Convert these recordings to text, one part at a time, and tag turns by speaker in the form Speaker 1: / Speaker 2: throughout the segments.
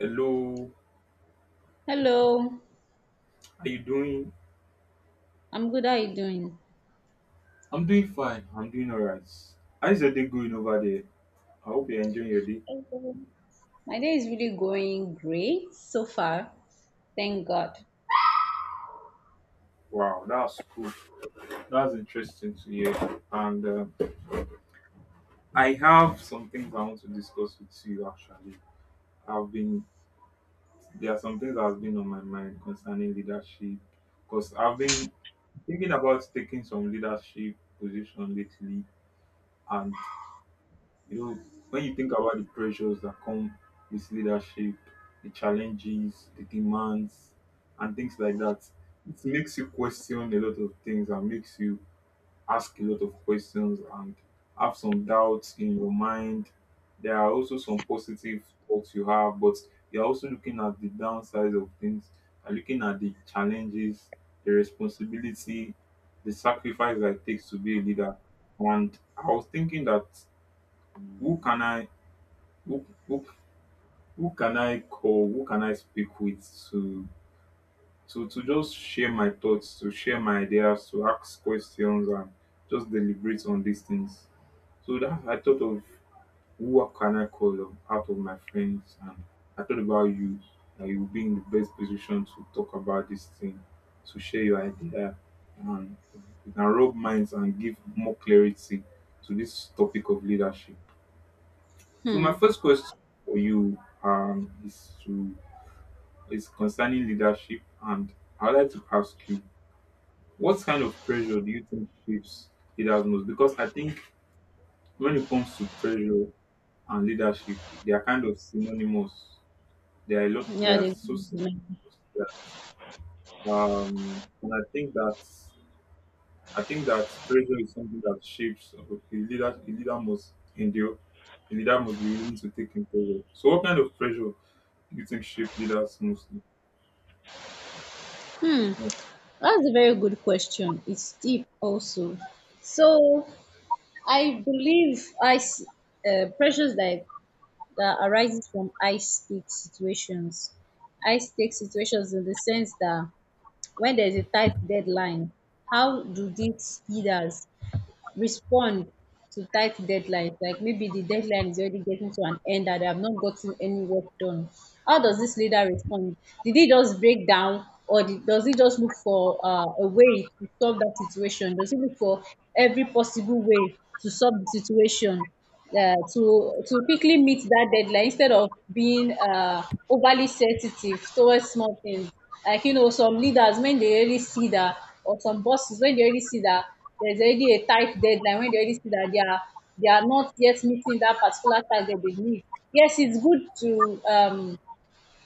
Speaker 1: Hello,
Speaker 2: Hello,
Speaker 1: how you doing?
Speaker 2: I'm good. How are you doing?
Speaker 1: I'm doing fine. I'm doing alright. How's your day going over there? I hope you're enjoying your day.
Speaker 2: Hello. My day is really going great so far. Thank God.
Speaker 1: Wow, that's cool. That's interesting to hear. And I have some things I want to discuss with you. Actually, I've been there are some things that has been on my mind concerning leadership because I've been thinking about taking some leadership position lately, and you know, when you think about the pressures that come with leadership, the challenges, the demands, and things like that, it makes you question a lot of things and makes you ask a lot of questions and have some doubts in your mind. There are also some positive thoughts you have, but you're also looking at the downsides of things, and looking at the challenges, the responsibility, the sacrifice that it takes to be a leader. And I was thinking that who can I who who who can I call? Who can I speak with to to just share my thoughts, to share my ideas, to ask questions and just deliberate on these things. So that I thought of who can I call out of my friends, and I thought about you, that you'll be in the best position to talk about this thing, to share your idea, and you can rub minds and give more clarity to this topic of leadership. So
Speaker 2: Hmm.
Speaker 1: my first question for you is to is concerning leadership, and I'd like to ask you, what kind of pressure do you think shapes leaders most? Because I think when it comes to pressure and leadership, they are kind of synonymous. They are a lot. They
Speaker 2: Yeah,
Speaker 1: are
Speaker 2: the
Speaker 1: so synonymous. And I think that pressure is something that shapes. Okay, leader, a leader must endure. A leader must be willing to take in pressure. So what kind of pressure you think shape leaders mostly?
Speaker 2: hmm.
Speaker 1: Yeah.
Speaker 2: That's a very good question. It's deep also. So I believe ice pressures that arises from high stake situations. High stake situations in the sense that when there's a tight deadline, how do these leaders respond to tight deadlines? Like, maybe the deadline is already getting to an end and they have not gotten any work done. How does this leader respond? Did he just break down, or does he just look for a way to solve that situation? Does he look for every possible way to solve the situation, to quickly meet that deadline instead of being overly sensitive towards small things. Like, you know, some leaders when they already see that, or some bosses when they already see that there's already a tight deadline, when they already see that they are not yet meeting that particular target they need. Yes,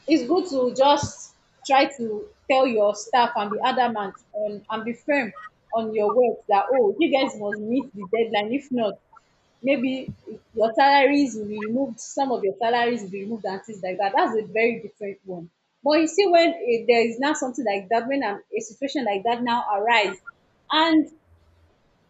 Speaker 2: it's good to just try to tell your staff and be adamant on and be firm on your work, that, oh, you guys must meet the deadline. If not, maybe your salaries will be removed, some of your salaries will be removed, and things like that. That's a very different one. But you see, when there is now something like that, when a situation like that now arise, and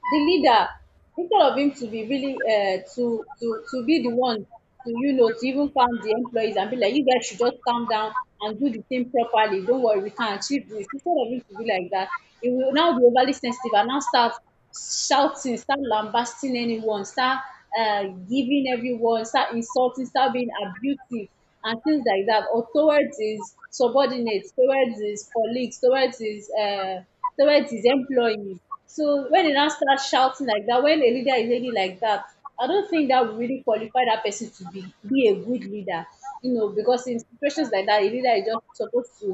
Speaker 2: the leader, instead of him to be really to be the one to, you know, to even calm the employees and be like, you guys should just calm down and do the thing properly, don't worry, we can achieve this, instead of him to be like that, he will now be overly sensitive and now start shouting, start lambasting anyone, start giving everyone, start insulting, start being abusive and things like that, or towards his subordinates, towards his colleagues, towards his employees. So when they now start shouting like that, when a leader is already like that, I don't think that will really qualify that person to be a good leader. You know, because in situations like that, a leader is just supposed to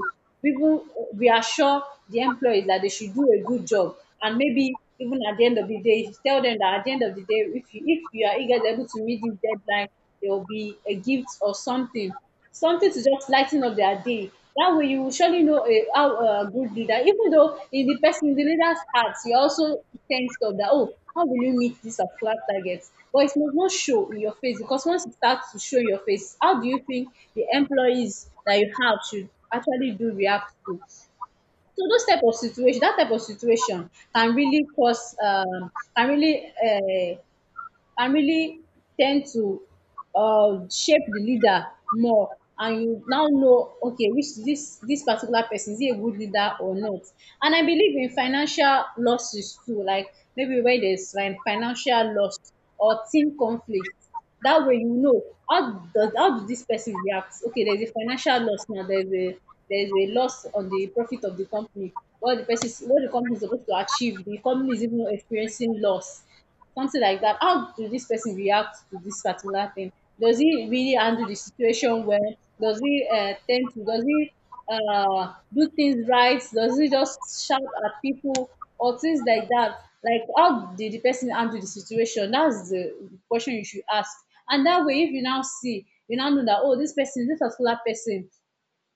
Speaker 2: even reassure the employees that they should do a good job, and maybe even at the end of the day, tell them that at the end of the day, if you are eager able to meet this deadline, there will be a gift or something, something to just ligh ten up their day. That way you will surely know a how a good leader, even though in the person, in the leader's heart, you also think of that, oh, how will you meet this particular target, but it must not show in your face, because once it start to show in your face, how do you think the employees that you have should actually do react to? So those type of situation, that type of situation can really cause can really and really tend to shape the leader more, and you now know, okay, which this particular person, is he a good leader or not? And I believe in financial losses too. Like, maybe when there's like financial loss or team conflict, that way you know how how does this person react. Okay, there's a financial loss now, there's a loss on the profit of the company. What the company is supposed to achieve, the company is even experiencing loss, something like that. How do this person react to this particular thing? Does he really handle the situation well? Does he tend to? Does he do things right? Does he just shout at people or things like that? Like, how did the person handle the situation? That's the question you should ask. And that way, if you now see, you now know that, oh, this person, this particular person,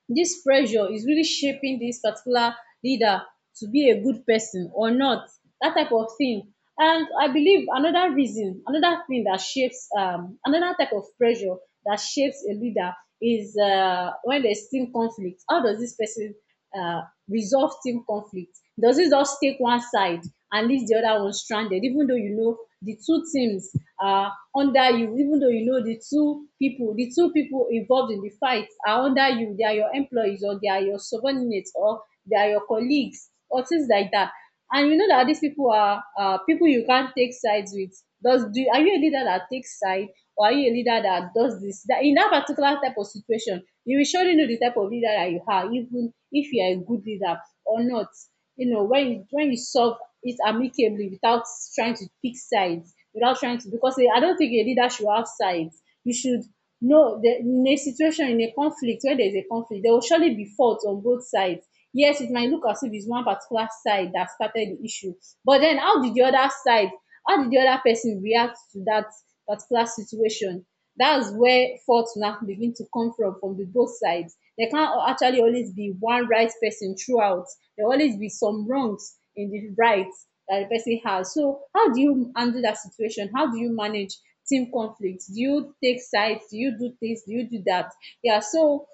Speaker 2: this pressure is really shaping this particular leader to be a good person or not, that type of thing. And I believe another reason, another thing that shapes, another type of pressure that shapes a leader is when there's team conflict. How does this person uh, resolve team conflict? Doesn't just take one side and leave the other one stranded, even though you know the two teams are under you, even though you know the two people involved in the fight are under you, they are your employees, or they are your subordinates, or they are your colleagues or things like that. And you know that these people are people you can't take sides with. Does do Are you a leader that takes side, or are you a leader that does this? That in that particular type of situation, you will surely know the type of leader that you are, even if you are a good leader or not. You know, when you solve it amicably without trying to pick sides, without trying to, because I don't think a leader should have sides. You should know that in a conflict, when there is a conflict, there will surely be fault on both sides. Yes, it might look as if it's one particular side that started the issue, but then how did the other side, how did the other person react to that particular situation? That's where fault now begin to come from the both sides. There can't actually always be one right person throughout. There will always be some wrongs in the rights that the person has. So how do you handle that situation? How do you manage team conflict? Do you take sides? Do you do this? Do you do that? Yeah, so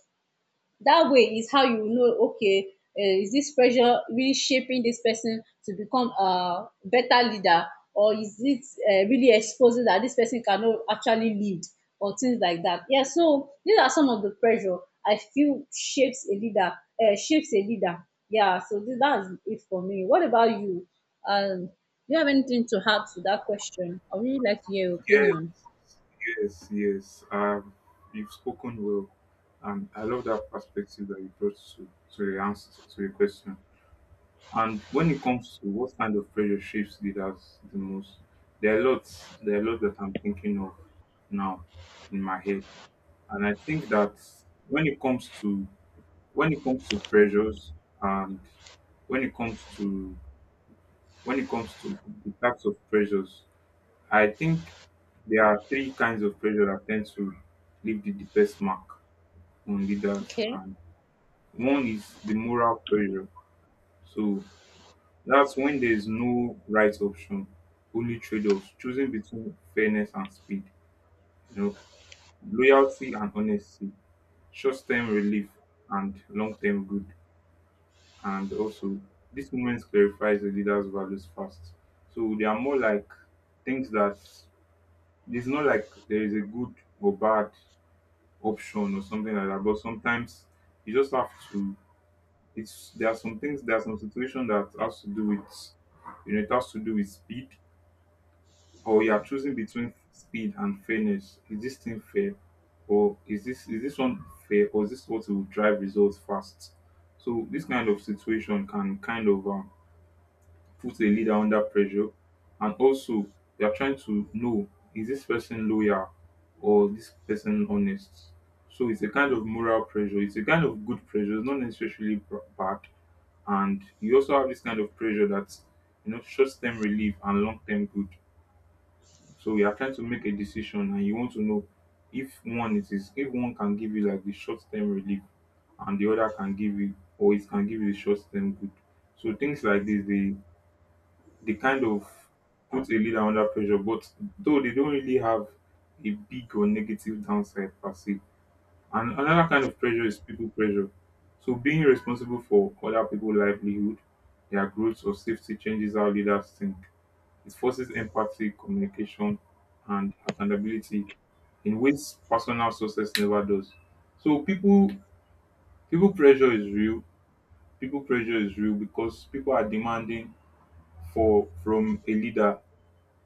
Speaker 2: that way is how you know, okay, is this pressure really shaping this person to become a better leader, or is it really exposing that this person cannot actually lead or things like that? Yeah, so these are some of the pressure I feel shapes a leader, yeah. So that's it for me. What about you? um do you have anything to add to that question? I would really like to hear your
Speaker 1: Yes,
Speaker 2: opinion.
Speaker 1: yes, yes. Um, you've spoken well, and I love that perspective that you brought to the answer to the question. And when it comes to what kind of pressure shapes leaders the most, there are lots. There are lots that I'm thinking of now in my head, and I think that when it comes to when it comes to pressures, and when it comes to when it comes to the types of pressures, I think there are three kinds of pressure that tend to leave the deepest mark on leaders,
Speaker 2: Okay.
Speaker 1: and one is the moral pressure. So that's when there is no right option, only trade-offs, choosing between fairness and speed, you know, loyalty and honesty, short-term relief and long-term good, and also this moment clarifies the leader's values fast. So they are more like things that it's not like there is a good or bad option or something like that. But sometimes you just have to. It's there are some things, there are some situations that has to do with, you know, it has to do with speed, or you are choosing between speed and fairness. Is this thing fair, or is this one fair, or is this what will drive results fast? So this kind of situation can kind of put a leader under pressure, and also they are trying to know is this person loyal or this person honest. So it's a kind of moral pressure. It's a kind of good pressure. It's not necessarily bad. And you also have this kind of pressure that you know short-term relief and long-term good. So you are trying to make a decision and you want to know if one it is if one can give you like the short-term relief and the other can give you or it can give you short-term good. So things like this they kind of put a leader under pressure, but though they don't really have a big or negative downside per se. And another kind of pressure is people pressure. So being responsible for other people's livelihood, their growth or safety changes how leaders think. It forces empathy, communication, and accountability in ways personal success never does. So people pressure is real. People pressure is real because people are demanding for from a leader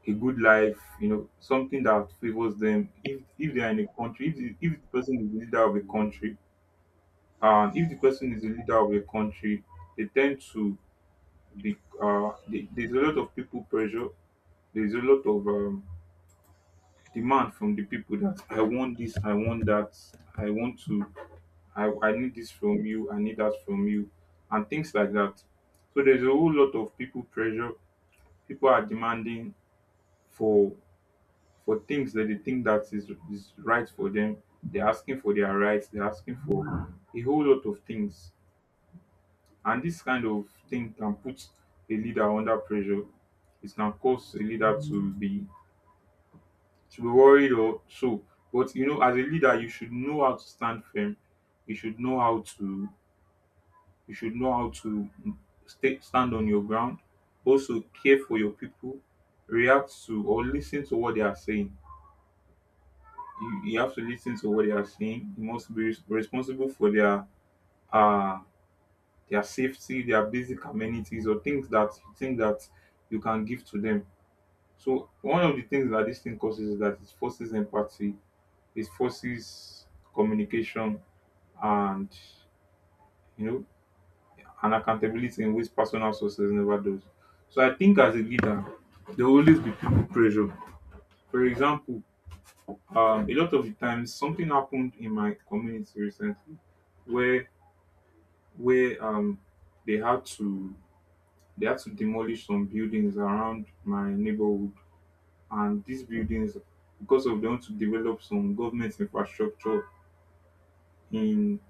Speaker 1: a good life, you know, something that favors them. If they are in a country, if if the person is the leader of a country, and if the person is the leader of a country, they tend to be. There's a lot of people pressure. There's a lot of demand from the people that I want this, I want that, I want to, I need this from you, I need that from you, and things like that. So there's a whole lot of people pressure. People are demanding for for things that they think that is right for them. They're asking for their rights. They're asking for a whole lot of things. And this kind of thing can put a leader under pressure. It can cause a leader to be worried or so. But you know, as a leader, you should know how to stand firm. You should know how to you should know how to stay, stand on your ground. Also care for your people, react to or listen to what they are saying. You have to listen to what they are saying. You must be responsible for uh their safety, their basic amenities, or things that you think that you can give to them. So one of the things that this thing causes is that it forces empathy, it forces communication, and you know, and accountability in which personal sources never does. So I think as a leader, there will always be people pressure. For example, a lot of the times something happened in my community recently where where they had to demolish some buildings around my neighborhood, and these buildings because of them to develop some government infrastructure in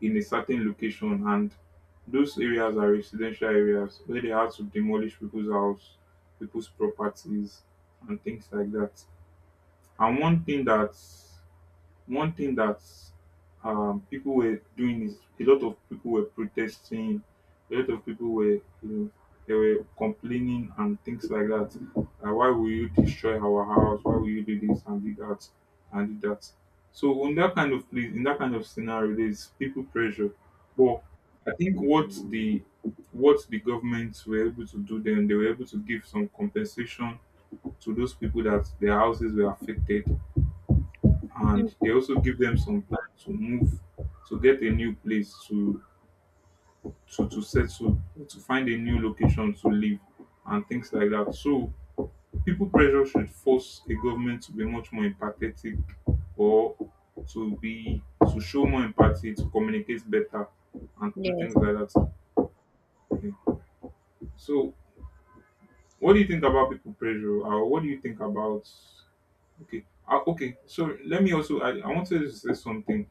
Speaker 1: in a certain location, and those areas are residential areas where they had to demolish people's house, people's properties, and things like that. And one thing that people were doing is a lot of people were protesting, a lot of people were, you know, they were complaining and things like that. Why will you destroy our house? Why will you do this and do that and do that? So in that kind of place, in that kind of scenario, there's people pressure. But I think what the government were able to do then, they were able to give some compensation to those people that their houses were affected, and
Speaker 2: Hmm.
Speaker 1: they also give them some time to move to get a new place to settle, to find a new location to live and things like that. So people pressure should force a government to be much more empathetic, or to be to show more empathy, to communicate better and do
Speaker 2: Yes.
Speaker 1: things like that. Yeah. So what do you think about people pressure, or what do you think about. Okay. Okay. So let me also. I wanted to say something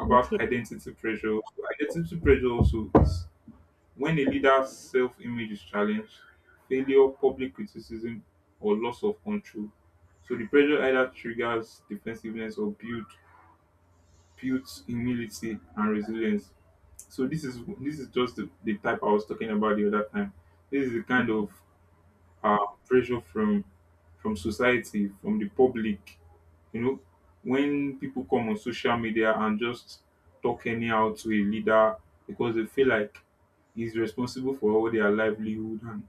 Speaker 1: about
Speaker 2: Okay.
Speaker 1: identity pressure. Identity pressure also is when a leader's self-image is challenged, failure, public criticism, or loss of control. So the pressure either triggers defensiveness or builds humility and resilience. So this is just the type I was talking about the other time. This is the kind of pressure from society, from the public, you know, when people come on social media and just talk anyhow to a leader because they feel like he's responsible for all their livelihood and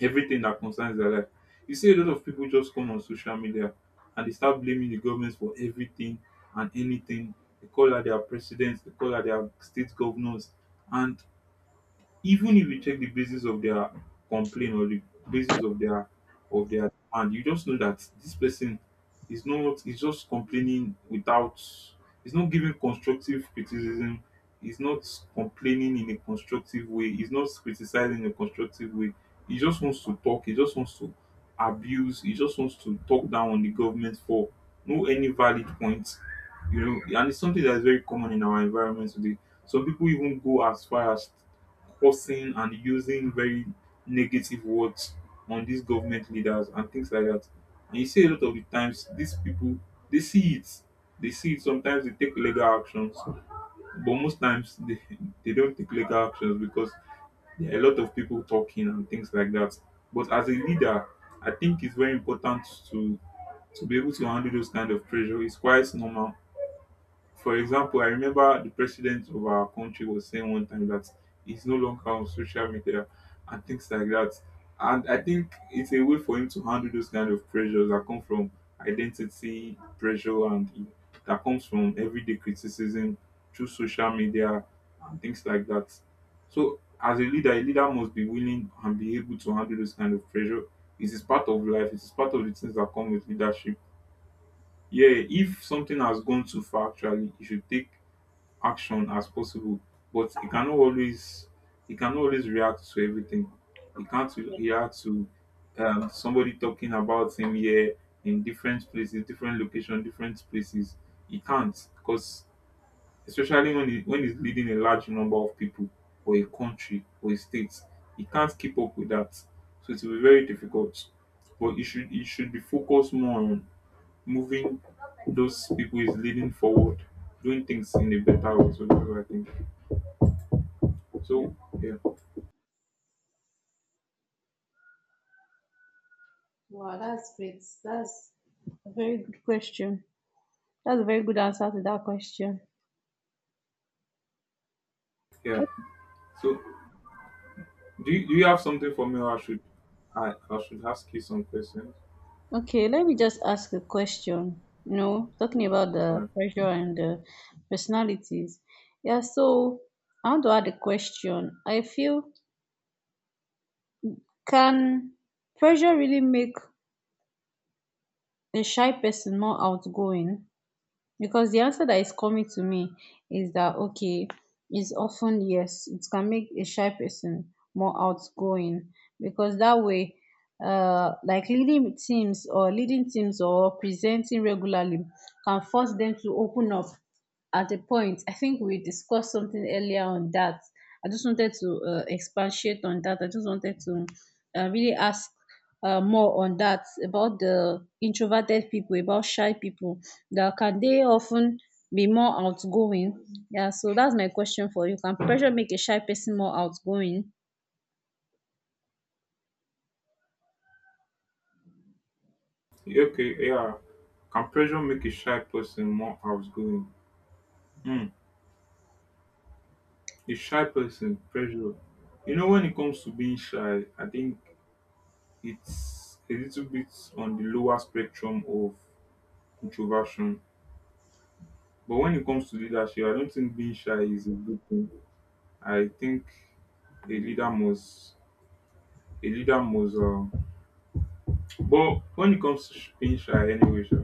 Speaker 1: everything that concerns their life. You see a lot of people just come on social media and they start blaming the government for everything and anything. They call out their presidents, they call out their state governors, and even if you check the basis of their complaint, or the basis of their demand, you just know that this person is not is just complaining without he's not giving constructive criticism, he's not complaining in a constructive way, he's not criticizing in a constructive way, he just wants to talk, he just wants to abuse, he just wants to talk down on the government for no any valid point, you know, and it's something that is very common in our environment today. Some people even go as far as cursing and using very negative words on these government leaders and things like that. And you see a lot of the times these people they see it. They see it sometimes they take legal actions, but most times they don't take legal actions because there are a lot of people talking and things like that. But as a leader, I think it's very important to be able to handle those kind of pressure. It's quite normal. For example, I remember the president of our country was saying one time that he's no longer on social media and things like that. And I think it's a way for him to handle those kind of pressures that come from identity pressure and that comes from everyday criticism through social media and things like that. So, as a leader must be willing and be able to handle those kind of pressure. It is part of life, it is part of the things that come with leadership. Yeah, if something has gone too far, actually, you should take action as possible, but he cannot always react to everything. He can't re- react to somebody talking about him here in different places, different location, different places. He can't, because especially when he's leading a large number of people or a country or a state, he can't keep up with that, so it will be very difficult. But he should be focused more on moving those people is leading forward, doing things in a better way. So that's what I think. So yeah,
Speaker 2: Wow, that's great. That's very good question. That's a very good answer to that question.
Speaker 1: yeah. So do you have something for me? Or I should I should ask you some questions.
Speaker 2: Okay, let me just ask a question. You know, talking about the
Speaker 1: Alright.
Speaker 2: pressure and the personalities. Yeah, so I want to add a question. I feel, can pressure really make a shy person more outgoing? Because the answer that is coming to me is that, okay, is often yes, it can make a shy person more outgoing, because that way, like leading teams, or presenting regularly can force them to open up at a point. I think we discussed something earlier on that. I just wanted to expatiate on that. I just wanted to really ask more on that about the introverted people, about shy people. That, can they often be more outgoing? Yeah, so that's my question for you. Can pressure make a shy person more outgoing?
Speaker 1: Okay, yeah. Can pressure make a shy person more outgoing? Hmm. A shy person, pressure. You know, when it comes to being shy, I think it's a little bit on the lower spectrum of introversion. But when it comes to leadership, I don't think being shy is a good thing. I think a leader must a leader must but when it comes to being shy anyway, sha,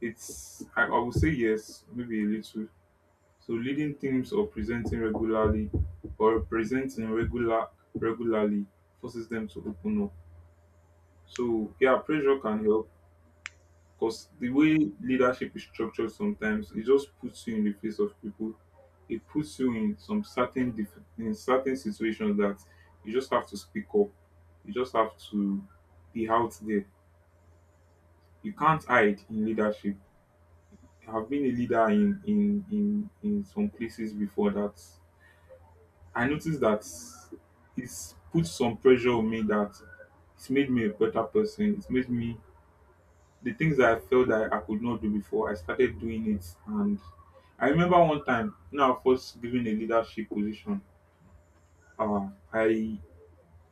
Speaker 1: it's I would say yes, maybe a little. So leading teams or presenting regularly or presenting regular regularly forces them to open up. So yeah, pressure can help. Because the way leadership is structured sometimes, it just puts you in the face of people. It puts you in some in certain situations that you just have to speak up. You just have to be out there. You can't hide in leadership. I've been a leader in some places before that. I noticed that it's put some pressure on me, that it's made me a better person. It's made me the things that I felt that I could not do before, I started doing it. And I remember one time, you know, I was first given a leadership position. Uh, I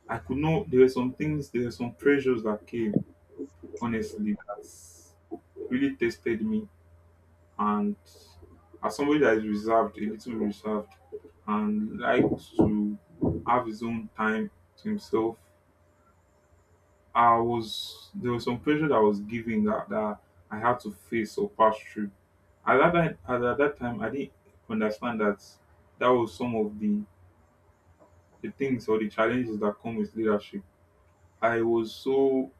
Speaker 1: I could not. There were some things. There were some pressures that came. Honestly, that really tested me. And as somebody that is reserved, a little reserved, and likes to have his own time to himself, I was there was some pressure that I was given, that I had to face or pass through. At that time, I didn't understand that that was some of the things or the challenges that come with leadership. I was so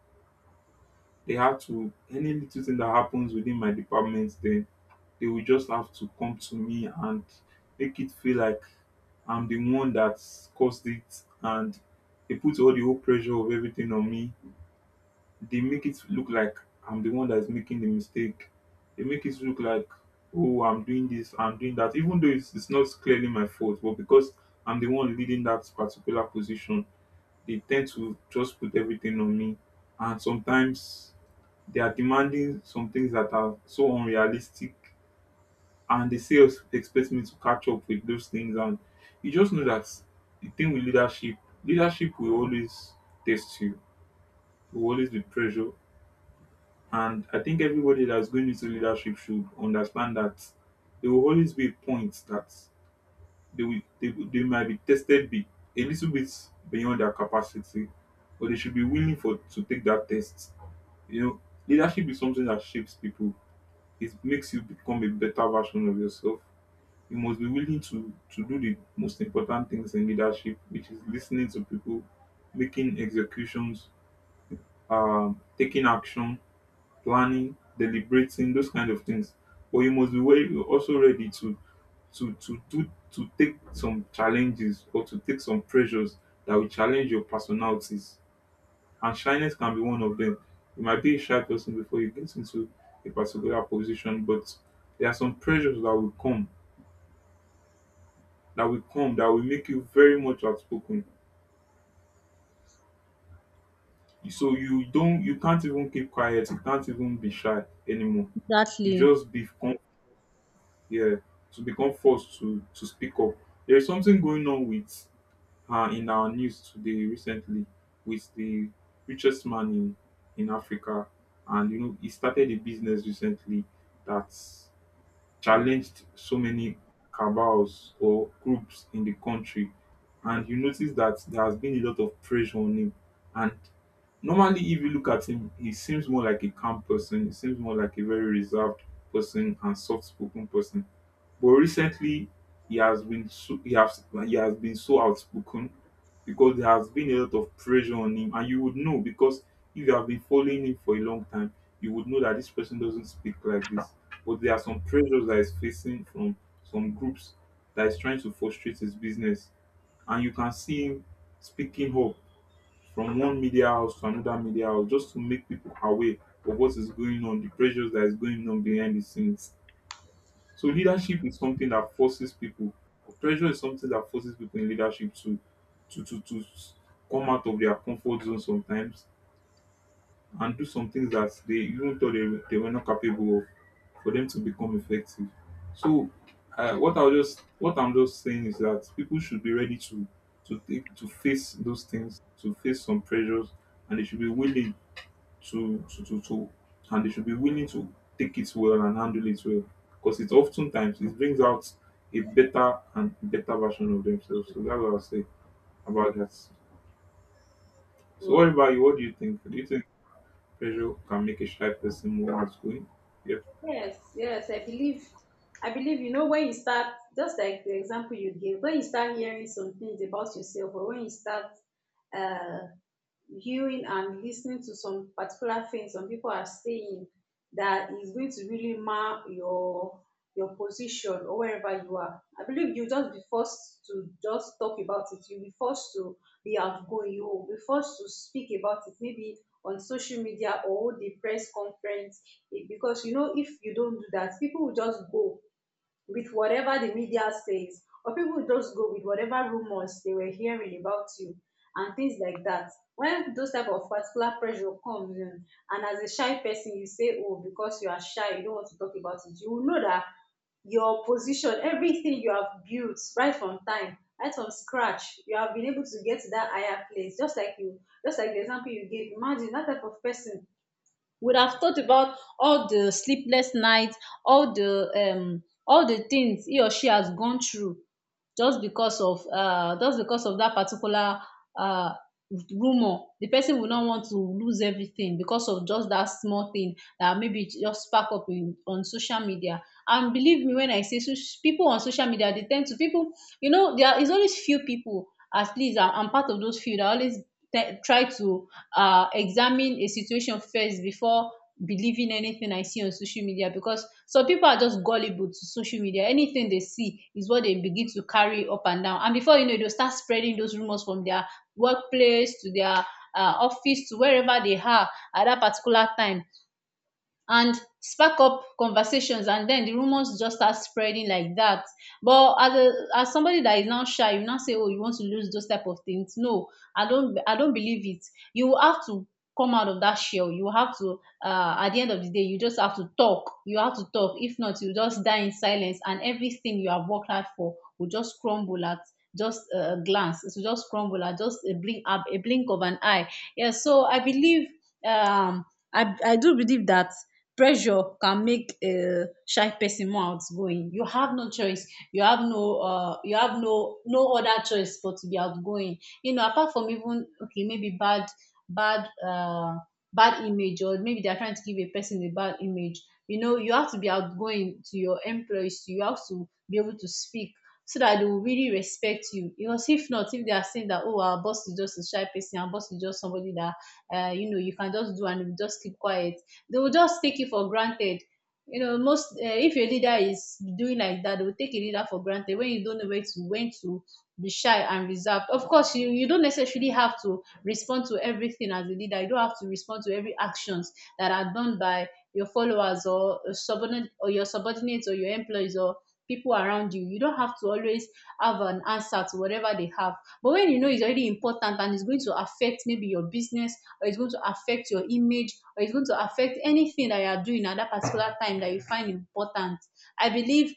Speaker 1: they had to any little thing that happens within my department, then they will just have to come to me and make it feel like I'm the one that caused it, and they put all the whole pressure of everything on me. They make it look like I'm the one that's making the mistake. They make it look like, oh, I'm doing this, I'm doing that, even though it's not clearly my fault. But because I'm the one leading that particular position, they tend to just put everything on me. And sometimes they are demanding some things that are so unrealistic. And they say, expect me to catch up with those things. And you just know that the thing with leadership, leadership will always test you. There will always be pressure, and I think everybody that's going into leadership should understand that there will always be a point that they might be tested be a little bit beyond their capacity, but they should be willing for to take that test. You know, leadership is something that shapes people. It makes you become a better version of yourself. You must be willing to do the most important things in leadership, which is listening to people, making executions, taking action, planning, deliberating, those kind of things. But you must be very also ready to do to take some challenges or to take some pressures that will challenge your personalities. And shyness can be one of them. You might be a shy person before you get into a particular position, but there are some pressures that will come that will make you very much outspoken. So you can't even keep quiet, you can't even be shy anymore. You
Speaker 2: Exactly.
Speaker 1: just become yeah, to become forced to speak up. There is something going on with in our news today recently with the richest man in Africa, and you know he started a business recently that challenged so many cabals or groups in the country, and you notice that there has been a lot of pressure on him, and normally if you look at him, he seems more like a calm person. He seems more like a very reserved person and soft spoken person. But recently, he has been so outspoken because there has been a lot of pressure on him, and you would know because if you have been following him for a long time, you would know that this person doesn't speak like this. But there are some pressures that he's facing from some groups that is trying to frustrate his business, and you can see him speaking up from one media house to another media house just to make people aware of what is going on, the pressures that is going on behind the scenes. So leadership is something that forces people, or pressure is something that forces people in leadership to to to to s- come out of their comfort zone sometimes and do some things that they even thought they were not capable of, for them to become effective. So what I'm just saying is that people should be ready to take to face those things, to face some pressures, and they should be willing to, and they should be willing to take it well and handle it well. Because it's oftentimes, it brings out a better and better version of themselves. So that's what I'll say about that. So what about you? What do you think? Do you think pressure can make a shy person more outgoing? Yeah.
Speaker 2: Yes, I believe, you know, when you start, just like the example you gave, when you start hearing some things about yourself, or when you start uh, hearing and listening to some particular things some people are saying, that is going to really mark your position or wherever you are. I believe you just be forced to just talk about it. You'll be forced to be outgoing. You will be forced to speak about it, maybe on social media or the press conference. Because you know, if you don't do that, people will just go with whatever the media says, or people just go with whatever rumors they were hearing about you and things like that, when those type of particular pressure comes in. And as a shy person, you say, oh, because you are shy, you don't want to talk about it, you will know that your position, everything you have built right from time, right from scratch, you have been able to get to that higher place. Just like the example you gave, imagine that type of person would have thought about all the sleepless nights, all the all the things he or she has gone through, just because of that particular uh, rumor. The person will not want to lose everything because of just that small thing that maybe just spark up in, on social media. And believe me when I say so, people on social media, they tend to people. You know, there is always few people. At least I'm part of those few that always try to examine a situation first before believing anything I see on social media, because some people are just gullible to social media. Anything they see is what they begin to carry up and down. And before you know it, they'll start spreading those rumors from their workplace to their office, to wherever they are at that particular time, and spark up conversations, and then the rumors just start spreading like that. But as somebody that is now shy, you now say, oh, you want to lose those type of things? No, I don't believe it. You will have to come out of that shell. You have to, at the end of the day, you just have to talk. You have to talk. If not, you just die in silence, and everything you have worked hard for will just crumble at just a glance. It will just crumble at just a blink, a blink of an eye. Yeah, so I believe, um I do believe that pressure can make a shy person more outgoing. You have no choice. You have no you have no other choice but to be outgoing, you know. Apart from even, okay, maybe bad, bad, bad image, or maybe they're trying to give a person a bad image. You know, you have to be outgoing to your employees. You have to be able to speak so that they will really respect you. Because if not, if they are saying that, oh, our boss is just a shy person, our boss is just somebody that, you know, you can just do and he just keep quiet, they will just take you for granted. You know, most if your leader is doing like that, they will take a leader for granted when you don't know where to, when to be shy and reserved. Of course, you don't necessarily have to respond to everything as a leader. You don't have to respond to every actions that are done by your followers or subordinate, or your subordinates or your employees or people around you. You don't have to always have an answer to whatever they have. But when you know it's already important and it's going to affect maybe your business, or it's going to affect your image, or it's going to affect anything that you are doing at that particular time that you find important, I believe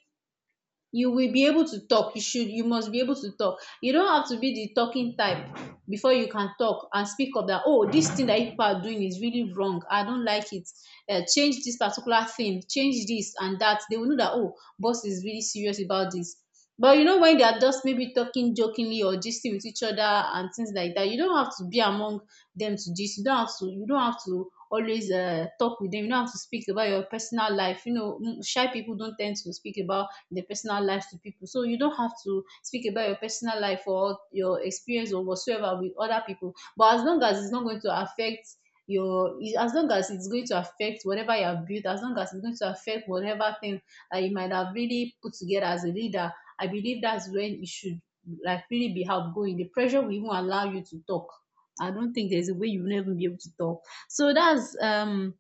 Speaker 2: you will be able to talk. You should, you must be able to talk. You don't have to be the talking type before you can talk and speak up that, oh, this thing that people are doing is really wrong, I don't like it, change this particular thing, change this and that. They will know that, oh, boss is really serious about this. But you know, when they are just maybe talking jokingly or gisting with each other and things like that, you don't have to be among them to gist. You don't have to, you don't have to always talk with them. You don't have to speak about your personal life, you know. Shy people don't tend to speak about the personal life to people. So you don't have to speak about your personal life or your experience or whatsoever with other people. But as long as it's not going to affect your, as long as it's going to affect whatever you have built, as long as it's going to affect whatever thing that you might have really put together as a leader, I believe that's when you should like really be outgoing. The pressure will even allow you to talk. I don't think there's a way you'll never be able to talk. So that's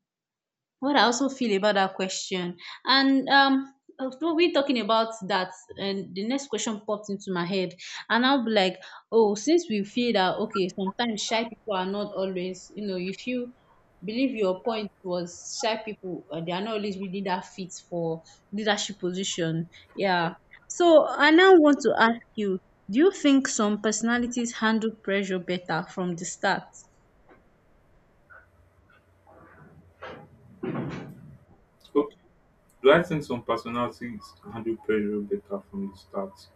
Speaker 2: what I also feel about that question. And after we talking about that, and the next question popped into my head, and I'll be like, oh, since we feel that, okay, sometimes shy people are not always, you know, if you believe your point was shy people, they are not always really that fit for leadership position. Yeah. So I now want to ask you, do you think some personalities handle pressure better from the start?
Speaker 1: Okay. Do I think some personalities handle pressure better from the start?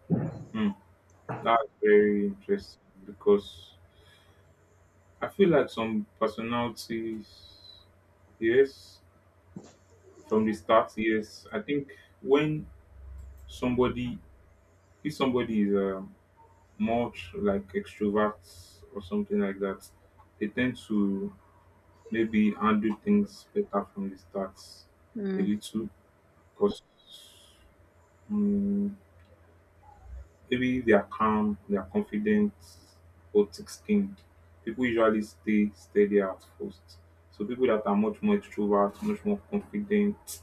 Speaker 1: Hmm. That's very interesting because I feel like some personalities, yes, from the start, yes. I think when somebody, if somebody is much like extroverts or something like that, they tend to maybe handle things better from the start a
Speaker 2: Hmm.
Speaker 1: little because um, maybe they are calm, they are confident, or thick-skinned. People usually stay steadier at first. So people that are much more extrovert, much more confident,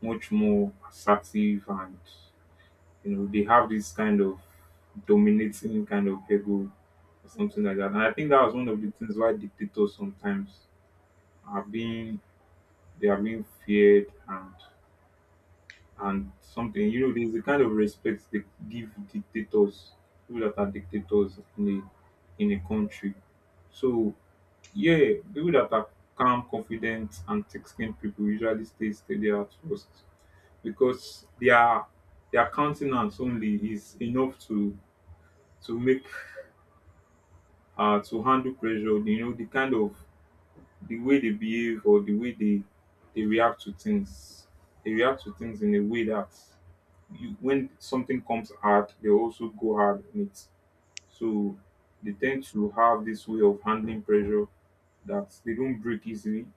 Speaker 1: much more assertive and you know, they have this kind of dominating kind of ego or something like that. And I think that was one of the things why dictators sometimes are being they are being feared and something. You know, there's the kind of respect they give dictators, people that are dictators in a country. So yeah, people that are calm, confident, and thick-skinned people usually stay steady at first because their countenance only is enough to make to handle pressure. You know the kind of the way they behave or the way they react to things, in a way that you when something comes hard they also go hard on it. So they tend to have this way of handling pressure that they don't break easily.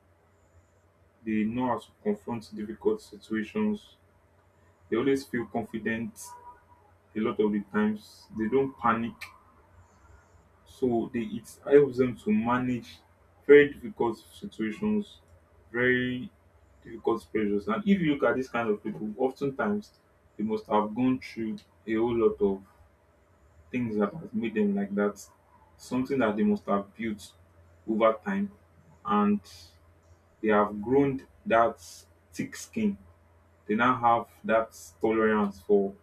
Speaker 1: They know how to confront difficult situations. They always feel confident. A lot of the times they don't panic. So it helps them to manage very difficult situations, very difficult pressures. And if you look at these kind of people, oftentimes they must have gone through a whole lot of things that has made them like that. Something that they must have built over time, and they have grown that thick skin. They now have that tolerance for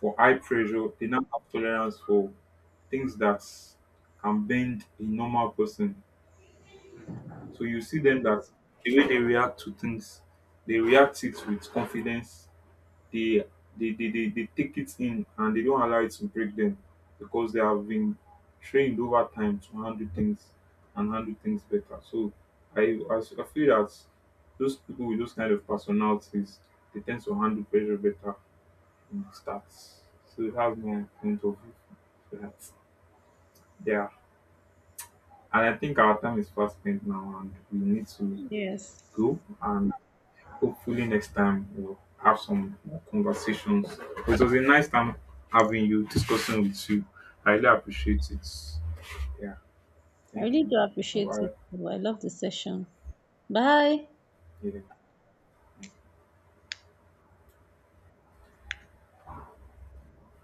Speaker 1: high pressure, they now have tolerance for things that can bend a normal person. So you see them that the way they react to things, they react it with confidence. They they take it in and they don't allow it to break them because they have been trained over time to handle things and handle things better. So I feel that those people with those kind of personalities, they tend to handle pressure better in the stats. So it has more point of view for that. Yeah. And I think our time is fast spent now and we need to
Speaker 2: Yes.
Speaker 1: go, and hopefully next time we'll have some more conversations. It was a nice time having you discussing with you. I really appreciate it. Yeah,
Speaker 2: I
Speaker 1: thank
Speaker 2: really
Speaker 1: you.
Speaker 2: do
Speaker 1: Bye
Speaker 2: appreciate
Speaker 1: bye.
Speaker 2: you. I love the session. Bye.
Speaker 1: Yeah.